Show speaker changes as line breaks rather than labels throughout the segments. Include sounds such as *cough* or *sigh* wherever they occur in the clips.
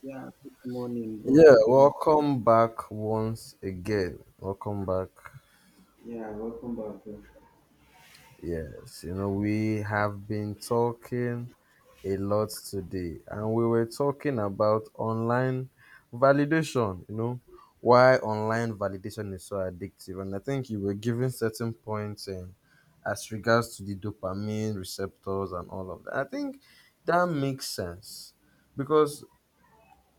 Yeah, good morning, bro.
Yeah,
Abi.
welcome back once again. Welcome back. Yes, we have been talking a lot today, and we were talking about online validation, why online validation is so addictive. And I think you were giving certain points in, as regards to the dopamine receptors and all of that. I think that makes sense because,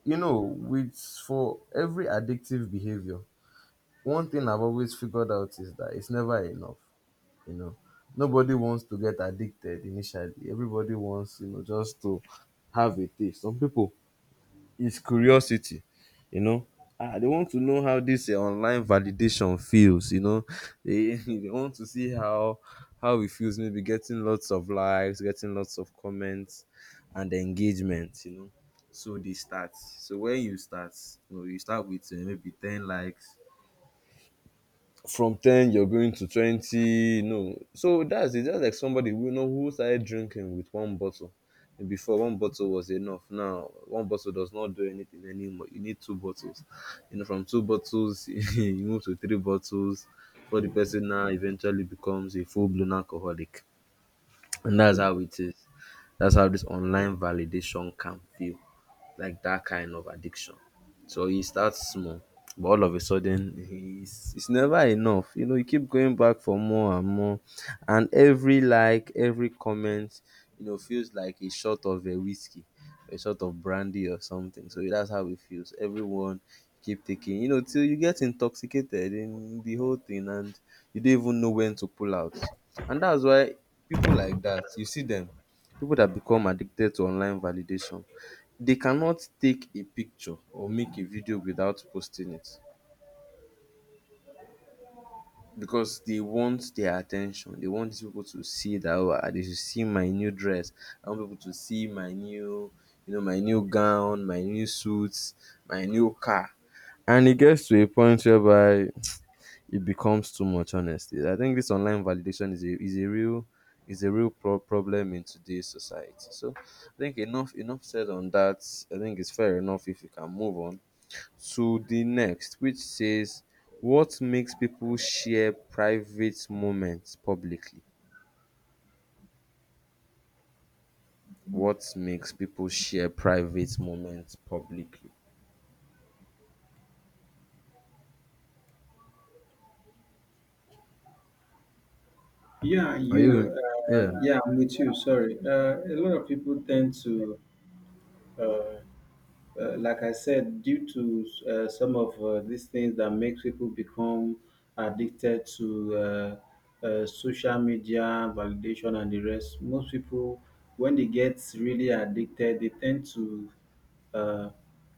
you know, with for every addictive behavior, one thing I've always figured out is that it's never enough. You know, nobody wants to get addicted initially. Everybody wants, just to have a taste. Some people, it's curiosity. You know, they want to know how this online validation feels. *laughs* They want to see how it feels. Maybe getting lots of likes, getting lots of comments, and engagement. So they start. So when you start, you start with maybe 10 likes. From 10 you're going to 20. That's it. That's like somebody who you know who started drinking with one bottle. And before, one bottle was enough. Now one bottle does not do anything anymore. You need two bottles. From two bottles *laughs* you move to three bottles. For the person now eventually becomes a full-blown alcoholic. And that's how it is. That's how this online validation can feel, like that kind of addiction. So he starts small, but all of a sudden it's never enough. You keep going back for more and more, and every like, every comment, feels like a shot of a whiskey, a shot of brandy or something. So that's how it feels. Everyone keep taking, till you get intoxicated in the whole thing, and you don't even know when to pull out. And that's why people like that, you see them, people that become addicted to online validation they cannot take a picture or make a video without posting it because they want their attention. They want these people to see that oh, they should see my new dress. I want people to see my new gown, my new suits, my new car. And it gets to a point whereby it becomes too much. Honestly, I think this online validation is a real pro- problem in today's society. So I think enough said on that. I think it's fair enough if you can move on to the next, which says, what makes people share private moments publicly? What makes people share private moments publicly?
Yeah,
Are
you know,
you? Yeah,
yeah, I'm with you. Sorry. A lot of people tend to, uh, like I said, due to some of these things that makes people become addicted to social media validation and the rest. Most people, when they get really addicted, they tend to uh,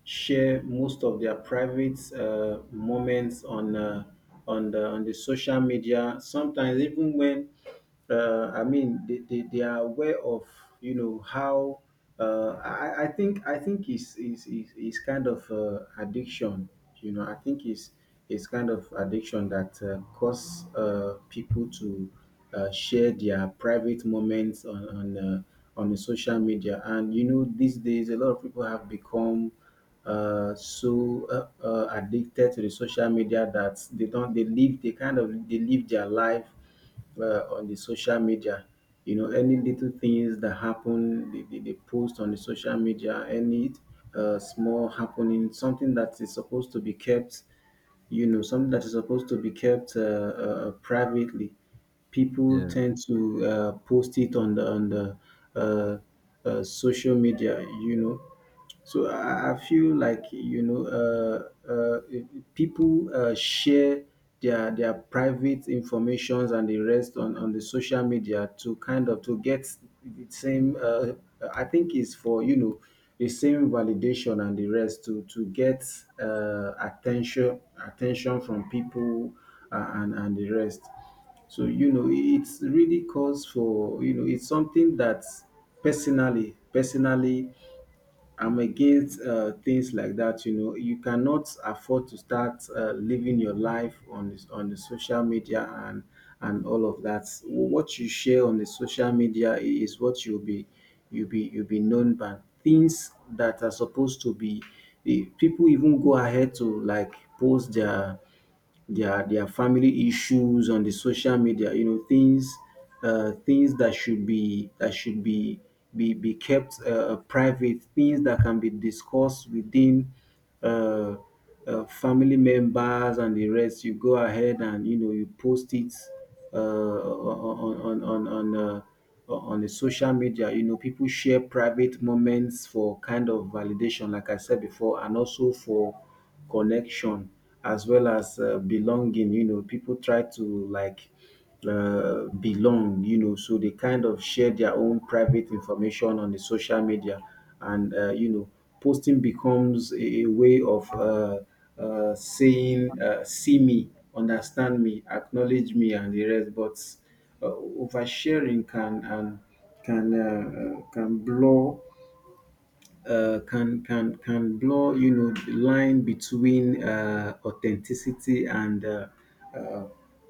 share most of their private moments on the social media. Sometimes even when I mean they are aware of you know how I think I think is kind of addiction. You know I think is it's kind of addiction that cause people to share their private moments on the social media. And you know, these days a lot of people have become so addicted to the social media that they don't they live they kind of they live their life on the social media. You know, any little things that happen, they post on the social media, any small happening, something that is supposed to be kept, you know, something that is supposed to be kept privately. People
yeah.
tend to post it on the uh, social media, you know. So I feel like, you know, if people share their private informations and the rest on the social media to kind of to get the same. I think is for, you know, the same validation and the rest to get attention from people, and the rest. So you know, it's really calls for, you know, it's something that personally I'm against things like that. You know, you cannot afford to start living your life on this, on the social media and all of that. What you share on the social media is what you'll be known by. Things that are supposed to be, eh, people even go ahead to like post their family issues on the social media, you know, things things that should be kept private, things that can be discussed within uh, family members and the rest, you go ahead and, you know, you post it uh, on on on on uh, on the social media. You know, people share private moments for kind of validation like I said before, and also for connection as well as belonging. You know, people try to like belong, you know, so they kind of share their own private information on the social media. And, you know, posting becomes a way of saying, see me, understand me, acknowledge me, and the rest. But oversharing can and can can blur can blur, you know, the line between authenticity and uh,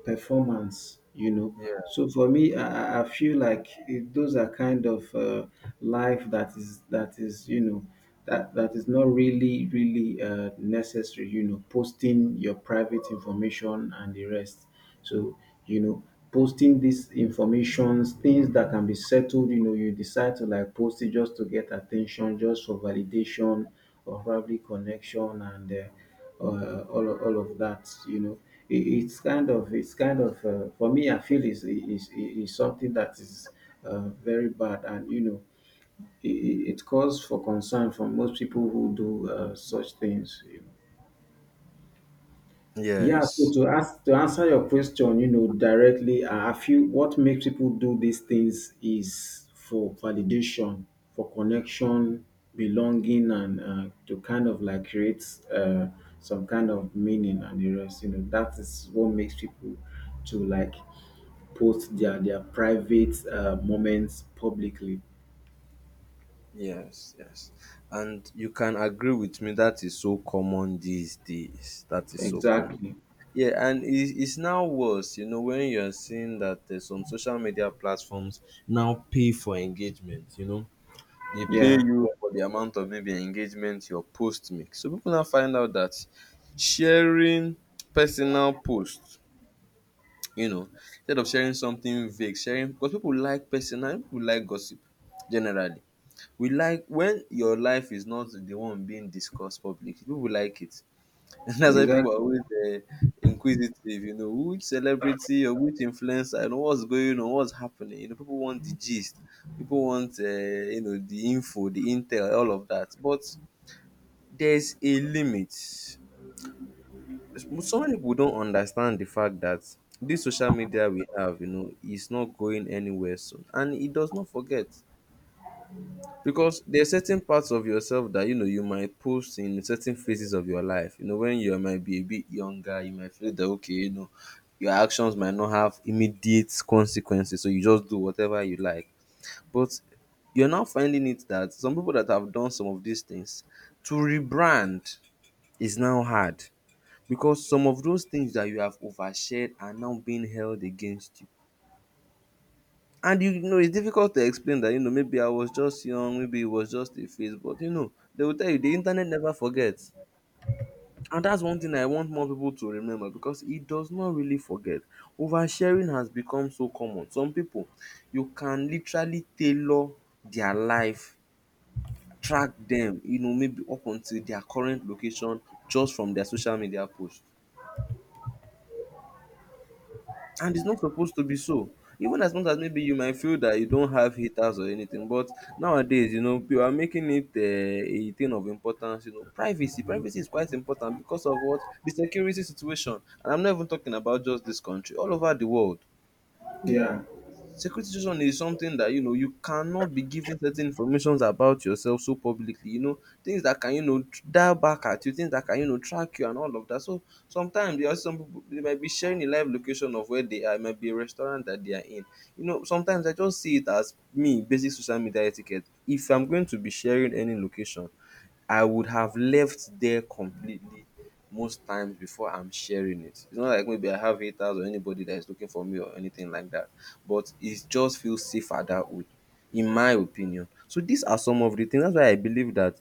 performance, you know.
Yeah.
So for me, I I feel like it, those are kind of life that is that is, you know, that that is not really really necessary, you know, posting your private information and the rest. So, you know, posting these informations, things that can be settled, you know, you decide to like post it just to get attention, just for validation or probably connection and all of that, you know. It's kind of, for me, I feel is something that is very bad, and, you know, it calls for concern from most people who do such things, you know. Yeah, so
Yes.
to ask to answer your question, you know, directly, I feel what makes people do these things is for validation, for connection, belonging, and to kind of like create uh, some kind of meaning and the rest. You know, that is what makes people to like post their private moments publicly.
Yes. Yes. And you can agree with me. That is so common these days. That is so common.
Exactly.
Yeah, and it's now worse, when you're seeing that some social media platforms now pay for engagement. They pay
Yeah.
you for the amount of maybe engagement your post make. So people now find out that sharing personal post, you know, instead of sharing something vague, sharing because people like personal, people like gossip generally. We like when your life is not the one being discussed publicly. People like it. *laughs* And that's why people
Exactly.
are always uh, inquisitive, which celebrity or which influencer, what's going on, what's happening. People want the gist, people want, the info, the intel, all of that. But there's a limit. Some people don't understand the fact that this social media we have, is not going anywhere soon, and it does not forget. Because there are certain parts of yourself that you might post in certain phases of your life. When you might be a bit younger, you might feel that okay, your actions might not have immediate consequences, so you just do whatever you like. But you're now finding it that some people that have done some of these things to rebrand is now hard because some of those things that you have overshared are now being held against you. And it's difficult to explain that, maybe I was just young, maybe it was just a phase, but they will tell you the internet never forgets. And that's one thing I want more people to remember because it does not really forget. Oversharing has become so common. Some people, you can literally tailor their life, track them, maybe up until their current location just from their social media post. And it's not supposed to be so. Even as much as maybe you might feel that you don't have haters or anything, but nowadays, people are making it a thing of importance. Privacy, privacy is quite important because of what the security situation. And I'm not even talking about just this country, all over the world.
Yeah.
Secretism is something that you cannot be giving certain informations about yourself so publicly. Things that can dial back at you, things that can track you and all of that. So sometimes there are some people they might be sharing a live location of where they are. It might be a restaurant that they are in. Sometimes I just see it as me basic social media etiquette. If I'm going to be sharing any location, I would have left there completely most times before I'm sharing it. It's not like maybe I have haters or anybody that is looking for me or anything like that, but it just feels safer that way, in my opinion. So these are some of the things. That's why I believe that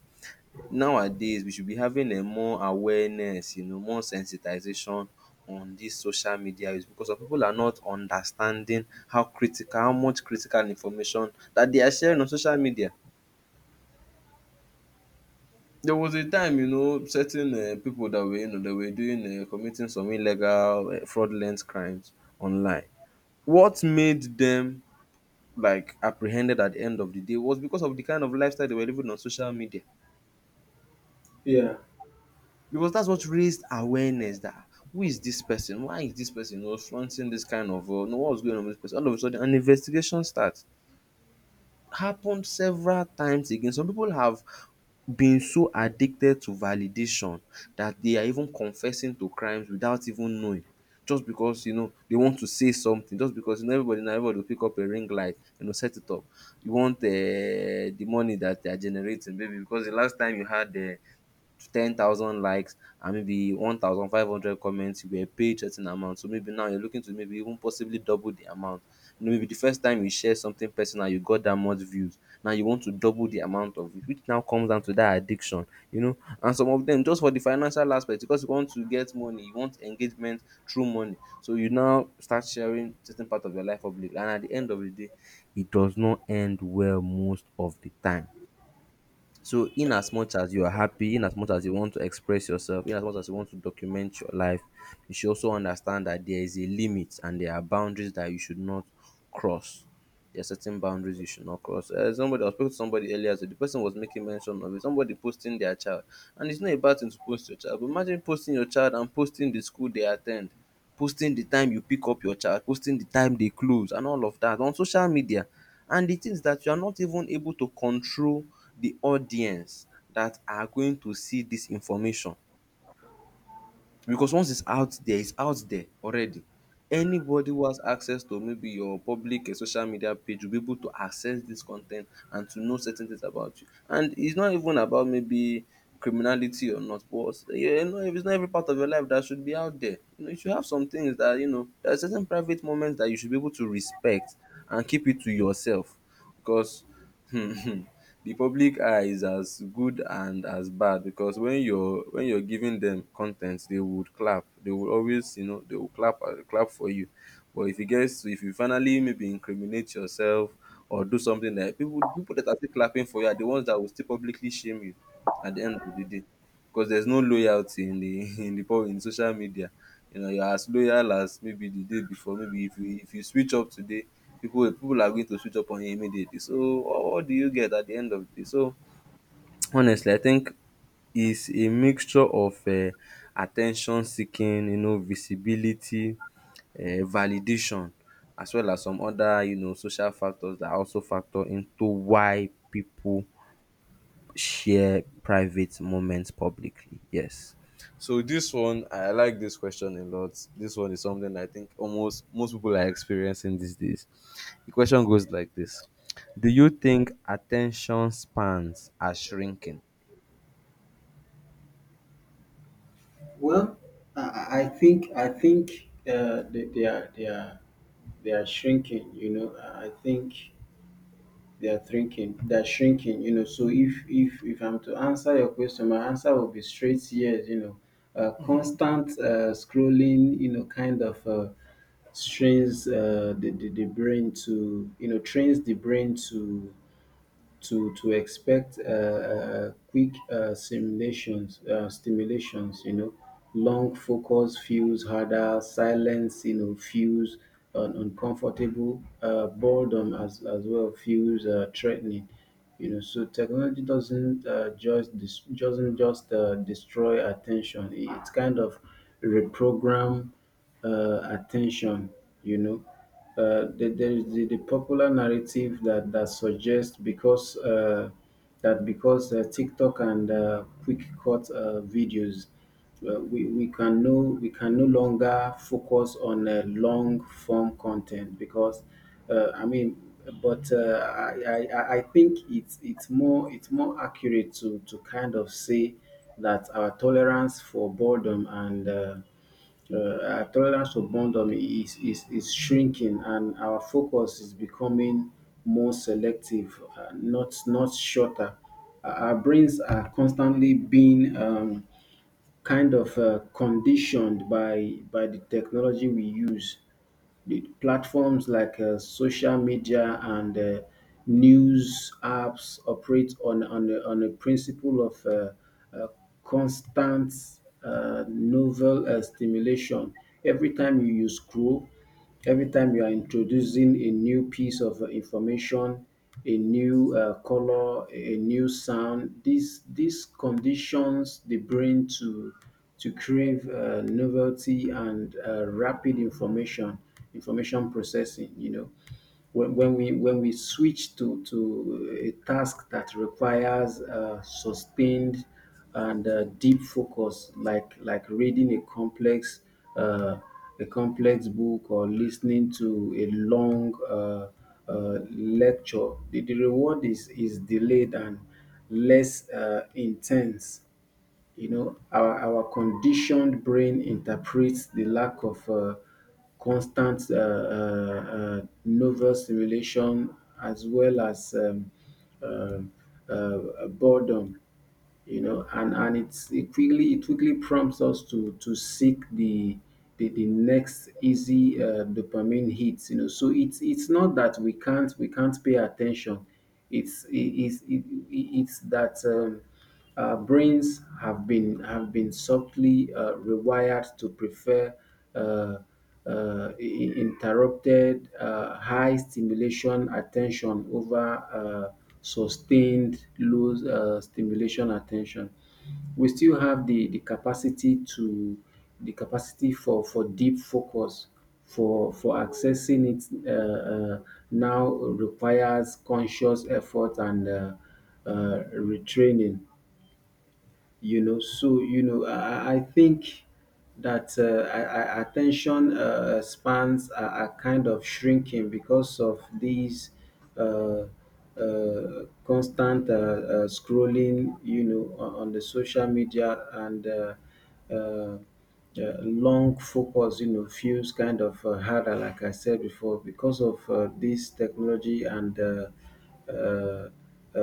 nowadays we should be having a more awareness, more sensitization on this social media use because some people are not understanding how critical, how much critical information that they are sharing on social media. There was a time, certain people that were, that were doing committing some illegal, fraudulent crimes online. What made them like apprehended at the end of the day was because of the kind of lifestyle they were living on social media.
Yeah.
Because that's what raised awareness that who is this person? Why is this person flaunting this kind of, what's going on with this person? All of a sudden, an investigation starts. Happened several times again. Some people have been so addicted to validation that they are even confessing to crimes without even knowing just because they want to say something just because everybody now, everybody will pick up a ring light and set it up. You want the money that they are generating, maybe because the last time you had to 10,000 likes and maybe 1,500 comments, you were paid certain amount. So maybe now you're looking to maybe even possibly double the amount. Maybe the first time you share something personal, you got that much views. Now you want to double the amount of it, which now comes down to that addiction, you know. And some of them just for the financial aspect, because you want to get money, you want engagement through money. So you now start sharing certain part of your life public, and at the end of the day, it does not end well most of the time. So, in as much as you are happy, in as much as you want to express yourself, in as much as you want to document your life, you should also understand that there is a limit and there are boundaries that you should not cross. There are certain boundaries you should not cross. Somebody I was speaking to somebody earlier, so the person was making mention of it. Somebody posting their child, and it's not a bad thing to post your child. But imagine posting your child and posting the school they attend, posting the time you pick up your child, posting the time they close, and all of that on social media. And the thing is that you are not even able to control the audience that are going to see this information. Because once it's out there already. Anybody who has access to maybe your public social media page will be able to access this con ten t and to know certain things about you. And it's not even about maybe criminality or not, but yeah, no, it's not every part of your life that should be out there. You know, you should have some things that, you know, there are certain private moments that you should be able to respect and keep it to yourself because *laughs* the public eye is as good and as bad because when you're giving them content, they would clap, they will always, you know, they will clap clap for you. But if you finally maybe incriminate yourself or do something that people that are still clapping for you are the ones that will still publicly shame you at the end of the day, because there's no loyalty in the *laughs* in the pub in social media. You know, you're as loyal as maybe the day before. Maybe if you switch up today, people are going to switch up on you immediately. So what do you get at the end of the day? So *tsk* honestly, I think it's a mixture of attention seeking, you know, visibility, validation, as well as some other, you know, social factors that also factor into why people share private moments publicly. Yes. So this one, I like this question a lot. This one is something I think almost most people are experiencing these days. The question goes like this: do you think attention spans are shrinking?
Well, I think they are shrinking. You know, I think they are thinking they are shrinking. You know, so if I'm to answer your question, my answer will be straight yes. You know, constant scrolling, you know, kind of. Strains the brain to, you know, trains the brain to expect quick stimulations, you know, long focus feels harder, silence, you know, feels uncomfortable, boredom as well feels threatening, you know. So technology doesn't just doesn't just destroy attention; it, it's kind of reprogram attention, you know. There is the popular narrative that that suggests because TikTok and quick cut videos, we can no longer focus on long form content because I mean. But I, I think it's more accurate to kind of say that our tolerance for boredom and our tolerance for boredom is shrinking, and our focus is becoming more selective, not, not shorter. Our brains are constantly being kind of conditioned by the technology we use. The platforms like social media and news apps operate on a principle of uh, constant novel stimulation. Every time you use scroll, every time you are introducing a new piece of information, a new color, a new sound, these conditions the brain to crave novelty and rapid information processing, you know. When, when we switch to a task that requires sustained and deep focus, like reading a complex uh, book, or listening to a long lecture, the reward is delayed and less intense, you know. Our conditioned brain interprets the lack of constant novel stimulation as well as um, boredom. You know, and it's it quickly prompts us to seek the next easy dopamine hits. You know, so it's not that we can't pay attention. It's it, it's it, it's that. Brains have been subtly rewired to prefer uh, interrupted high stimulation attention over sustained low stimulation attention. We still have the capacity to the capacity for deep focus, for accessing it uh, uh, now requires conscious effort and retraining, you know. So, you know, I think that attention spans are kind of shrinking because of these uh, constant scrolling, you know, on the social media, and uh, long focus, you know, feels kind of harder, like I said before, because of this technology and uh, uh,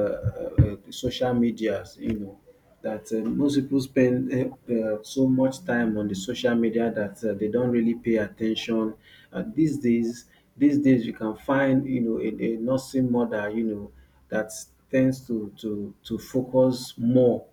uh, social medias, you know, that most people spend so much time on the social media that they don't really pay attention. Uh, these days, these days you can find, you know, a nursing mother, you know, that tends to focus more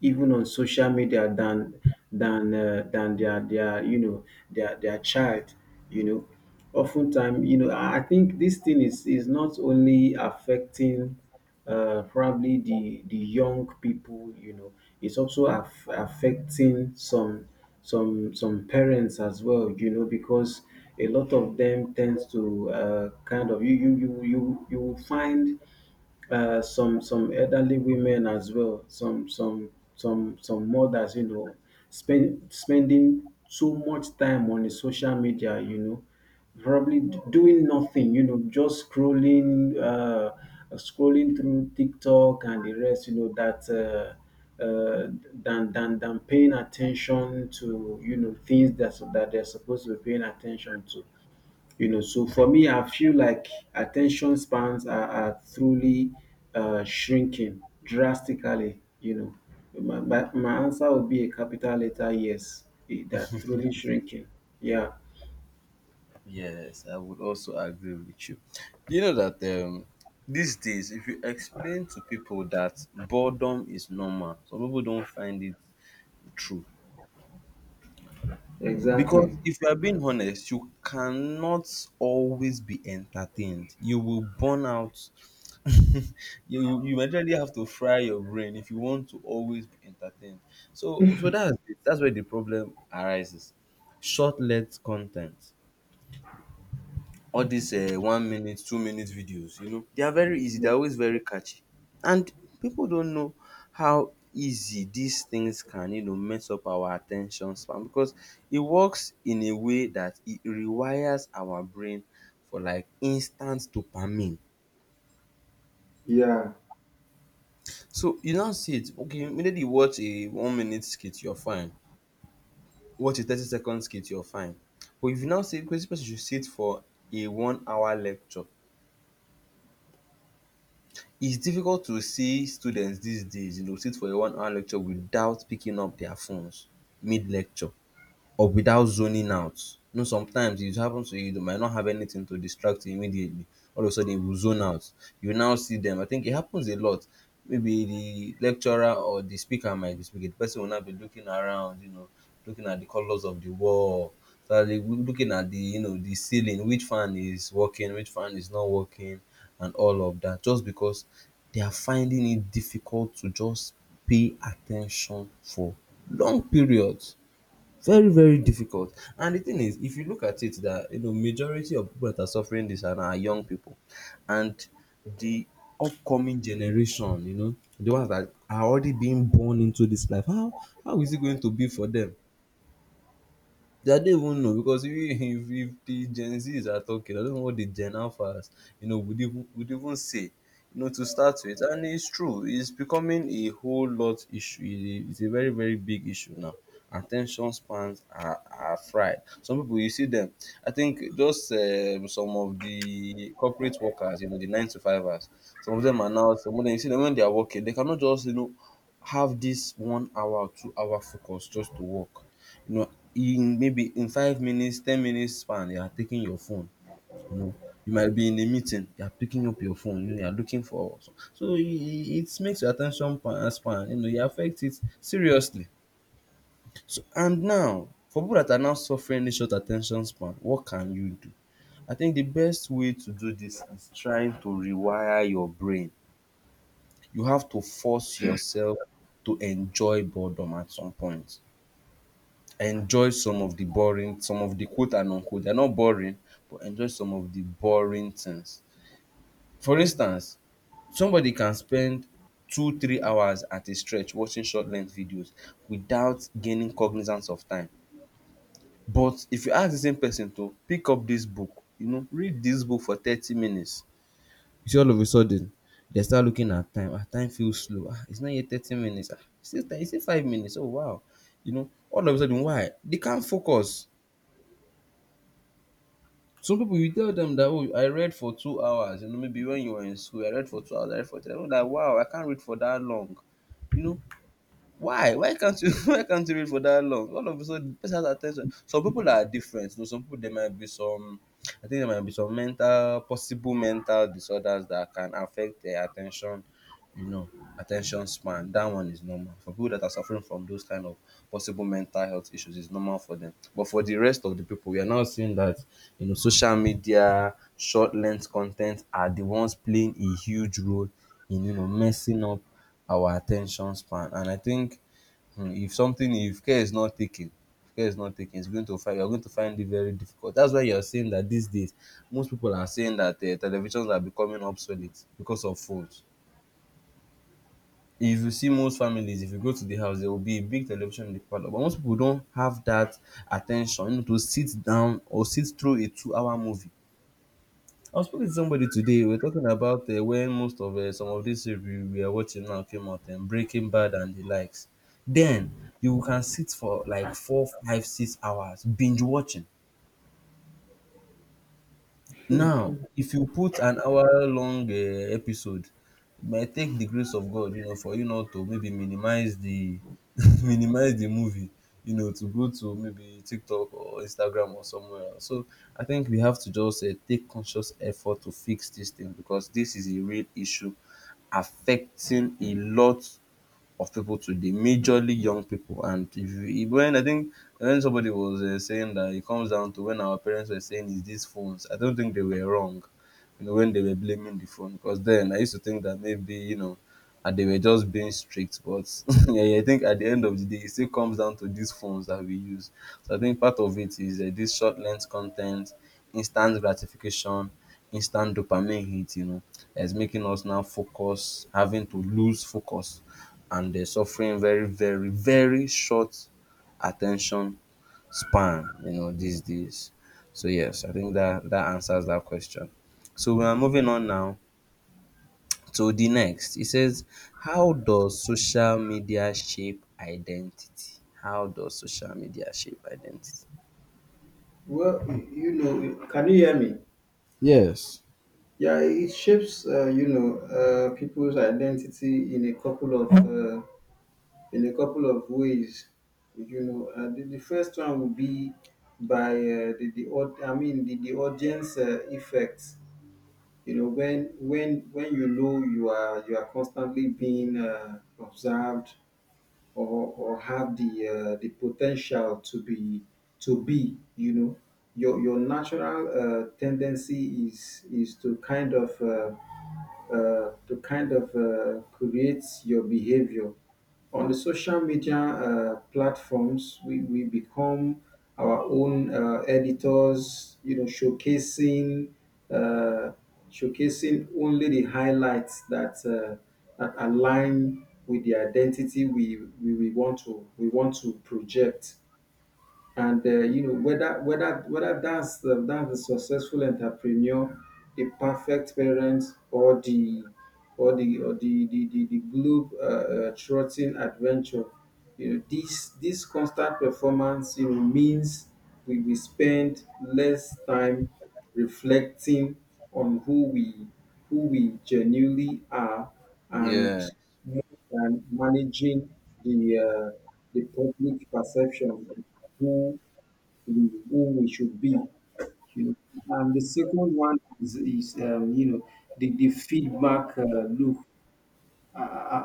even on social media than their, you know, their child, you know, oftentimes, you know. I think this thing is not only affecting probably the young people, you know, it's also affecting some parents as well, you know, because a lot of them tends to kind of. You will find some elderly women as well, some mothers, you know, spending so much time on the social media, you know, probably doing nothing, you know, just scrolling, scrolling through TikTok and the rest, you know, that. Than, than paying attention to, you know, things that that they're supposed to be paying attention to, you know. So for me, I feel like attention spans are truly shrinking drastically. You know, my answer would be a capital letter yes. Eh, they're truly shrinking. Yeah,
Yes, I would also agree with you. Do you know that these days, if you explain to people that boredom is normal, some people don't find it true. Because
exactly.
if you are being honest, you cannot always be entertained. You will burn out. *laughs* You literally have to fry your brain if you want to always be entertained. So that's it. That's where the problem arises. Short-lived content. All these 1 minute, 2 minute videos, you know, they are very easy. They're always very catchy. And people don't know how easy these things can, you know, mess up our attention span, because it works in a way that it rewires our brain for like instant dopamine. So you now see it, okay, immediately you watch a 1 minute skit, you're fine. Watch a 30 second skit, you're fine. But if you now say, crazy person should sit for a 1 hour lecture, it's difficult to see students these days, you know, sit for a 1 hour lecture without picking up their phones mid lecture or without zoning out. You know, sometimes it happens to you, you might not have anything to distract you immediately. All of a sudden, you will zone out. You now see them. I think it happens a lot. Maybe the lecturer or the speaker might be speaking. The person will not be looking around, you know, looking at the colors of the wall. So they will be looking at the, you know, the ceiling, which fan is working, which fan is not working, and all of that, just because they are finding it difficult to just pay attention for long periods. Very, very difficult. And the thing is, if you look at it, that, you know, majority of people that are suffering this are young people, and the upcoming generation, you know, the ones that are already being born into this life. How is it going to be for them? They don't even know, because if, *laughs* if the Gen Zs are talking, I don't know what the Gen Alphas, you know, would even say, you know, to start with. And it's true, it's becoming a whole lot issue. It- it's a very, very big issue now. Attention spans are fried. Some people, you see them. I think just some of the corporate workers, you know, the nine to fivers, some of them are now, some of them, you see them when they are working, they cannot just, you know, have this 1 hour, 2 hour focus just to work, you know, in maybe in 5 minutes, 10 minutes span, you are taking your phone. You know, you might be in a meeting, you are picking up your phone, you know, you are looking for so, so it makes your attention span, you know, it affects it seriously. So and now, for people that are now suffering this short attention span, what can you do? I think the best way to do this is trying to rewire your brain. You have to force yourself to enjoy boredom at some point. Enjoy some of the boring, some of the quote and unquote they're not boring, but enjoy some of the boring things. For instance, somebody can spend 2 3 hours at a stretch watching short length videos without gaining cognizance of time. But if you ask the same person to pick up this book, you know, read this book for 30 minutes, you see all of a sudden they start looking at time. Ah, time feels slow. Ah, it's not yet 30 minutes. Ah, it's still it's still 5 minutes. Oh wow. You know, all of a sudden, why they can't focus. Some people, you tell them that, oh, I read for 2 hours, you know, maybe when you were in school, I read for 2 hours, I read for 3 hours. Like, wow, I can't read for that long. You know, why? Why can't you *laughs* why can't you read for that long? All of a sudden, the person has attention. Some people are different. You know, some people there might be some I think there might be some mental possible mental disorders that can affect their attention, you know, attention span. That one is normal. For people that are suffering from those kind of possible mental health issues, it's normal for them. But for the rest of the people, we are now seeing that, you know, social media, short length content are the ones playing a huge role in, you know, messing up our attention span. And I think, if something, if care is not taken, if care is not taken, it's going to find you're going to find it very difficult. That's why you're saying that these days most people are saying that televisions are becoming obsolete because of phones. If you see most families, if you go to the house, there will be a big television in the parlor. But most people don't have that attention, you know, to sit down or sit through a 2-hour movie. I was speaking to somebody today. We are talking about when most of some of these series we are watching now came out, and Breaking Bad and the likes. Then you can sit for like 4, 5, 6 hours binge watching. Now, if you put an hour-long episode, it might take the grace of God, you know, for you not to maybe minimize the *laughs* minimize the movie, you know, to go to maybe TikTok or Instagram or somewhere else. So I think we have to just take conscious effort to fix this thing, because this is a real issue affecting a lot of people today, majorly young people. And if you, when I think when somebody was saying that it comes down to when our parents were saying is these phones, I don't think they were wrong. You know, when they were blaming the phone, because then I used to think that maybe, you know, and they were just being strict. But *laughs* yeah, I think at the end of the day, it still comes down to these phones that we use. So I think part of it is this short length content, instant gratification, instant dopamine hit, you know, is making us now focus, having to lose focus, and they're suffering very, very, very short attention span, you know, these days. So yes, I think that that answers that question. So we are moving on now. So the next, it says, how does social media shape identity? How does social media shape identity?
Well, you know, can you hear me?
Yes.
Yeah, it shapes, you know, people's identity in a couple of ways. You know, the first one would be by I mean the audience effect. You know, when you know you are constantly being observed, or or have the potential to be to be, you know, your natural tendency is to kind of create your behavior on the social media platforms. We become our own editors, you know, showcasing uh, showcasing only the highlights that that align with the identity we want to project. And you know, whether that's the successful entrepreneur, the perfect parent, or the the globe trotting adventure, you know. This constant performance, you know, means we spend less time reflecting on who we genuinely are,
Yeah,
and more than managing the uh, the public perception of who who we should be. You know, and the second one is you know, the feedback loop.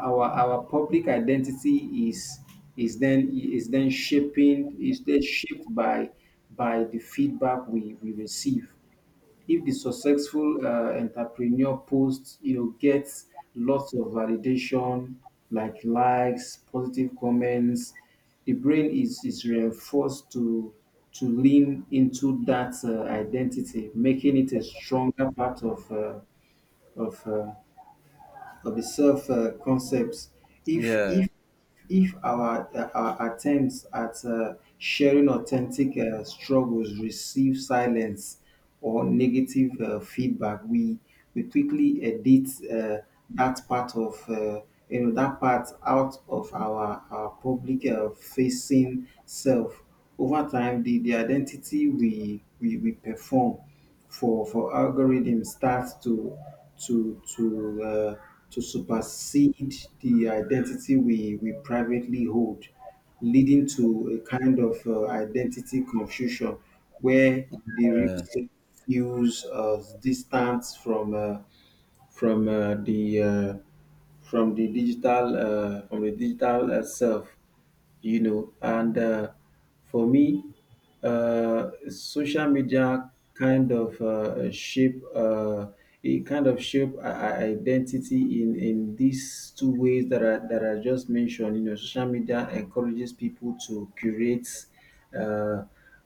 Our public identity is then shaping is then shaped by the feedback we receive. If the successful entrepreneur post, you know, gets lots of validation like likes, positive comments, the brain is reinforced to lean into that identity, making it a stronger part of of uh, of the self concepts. if
yeah.
if if our our attempts at sharing authentic struggles receive silence or negative feedback, we quickly edit that part of, you know, that part out of our public facing self. Over time, the identity we perform for algorithm starts to to uh, to supersede the identity we privately hold, leading to a kind of identity confusion where the real self feels distant from the from the digital self, you know. And for me, social media kind of shape identity in these two ways that I just mentioned. You know, social media encourages people to curate uh,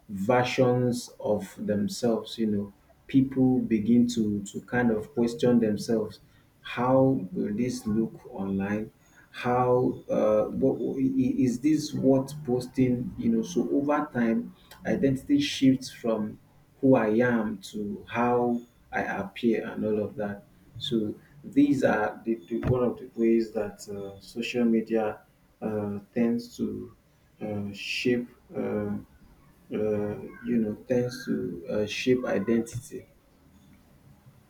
versions of themselves. You know, people begin to kind of question themselves: How will this look online? How is this what posting? You know, so over time, identity shifts from who I am to how I appear and all of that. So these are the one of the ways that social media tends to shape uh, uh, you know tends to shape identity.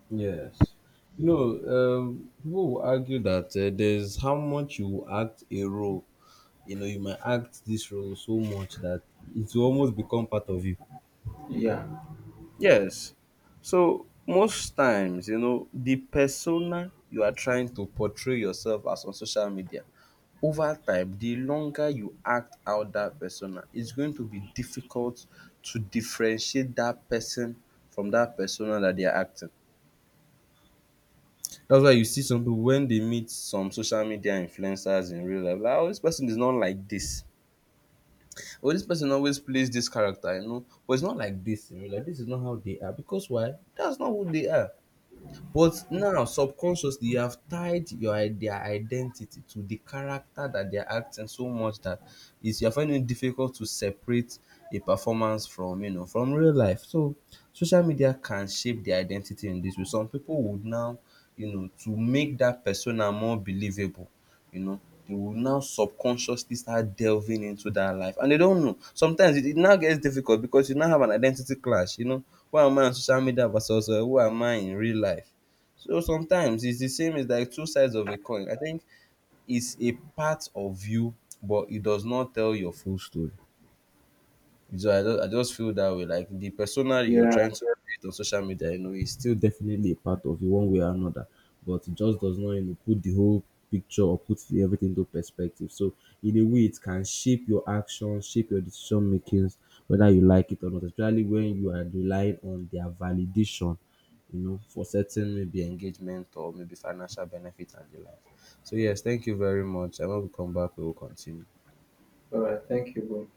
Yes. You know, people will argue that there's how much you will act a role. You know, you might act this role so much that it will almost become part of you.
Yeah.
Yes. So most times, you know, the persona you are trying to portray yourself as on social media, over time, the longer you act out that persona, it's going to be difficult to differentiate that person from that persona that they are acting. That's why you see some people when they meet some social media influencers in real life, like, oh, this person is not like this. Or this person always plays this character, you know, but it's not like this in real life. This is not how they are. Because why? That's not who they are. But now subconsciously you have tied their identity to the character that they are acting so much that it's you're finding it difficult to separate a performance from, you know, from real life. So social media can shape the identity in this way. Some people would now, you know, to make that persona more believable, you know, they will now subconsciously start delving into that life and they don't know. Sometimes it now gets difficult because you now have an identity clash, you know. Who am I on social media versus who am I in real life? So sometimes it's the same, it's like two sides of a coin. I think it's a part of you, but it does not tell your full story. So I just feel that way. Like the persona you're
Yeah,
trying to create on social media, you know, is still definitely a part of you one way or another. But it just does not, you know, put the whole picture or put the, everything into perspective. So in a way, it can shape your actions, shape your decision makings, whether you like it or not. Especially when you are relying on their validation, you know, for certain maybe engagement or maybe financial benefit and the like. So yes, thank you very much. And when we come back, we will continue.
all right, thank you, bro.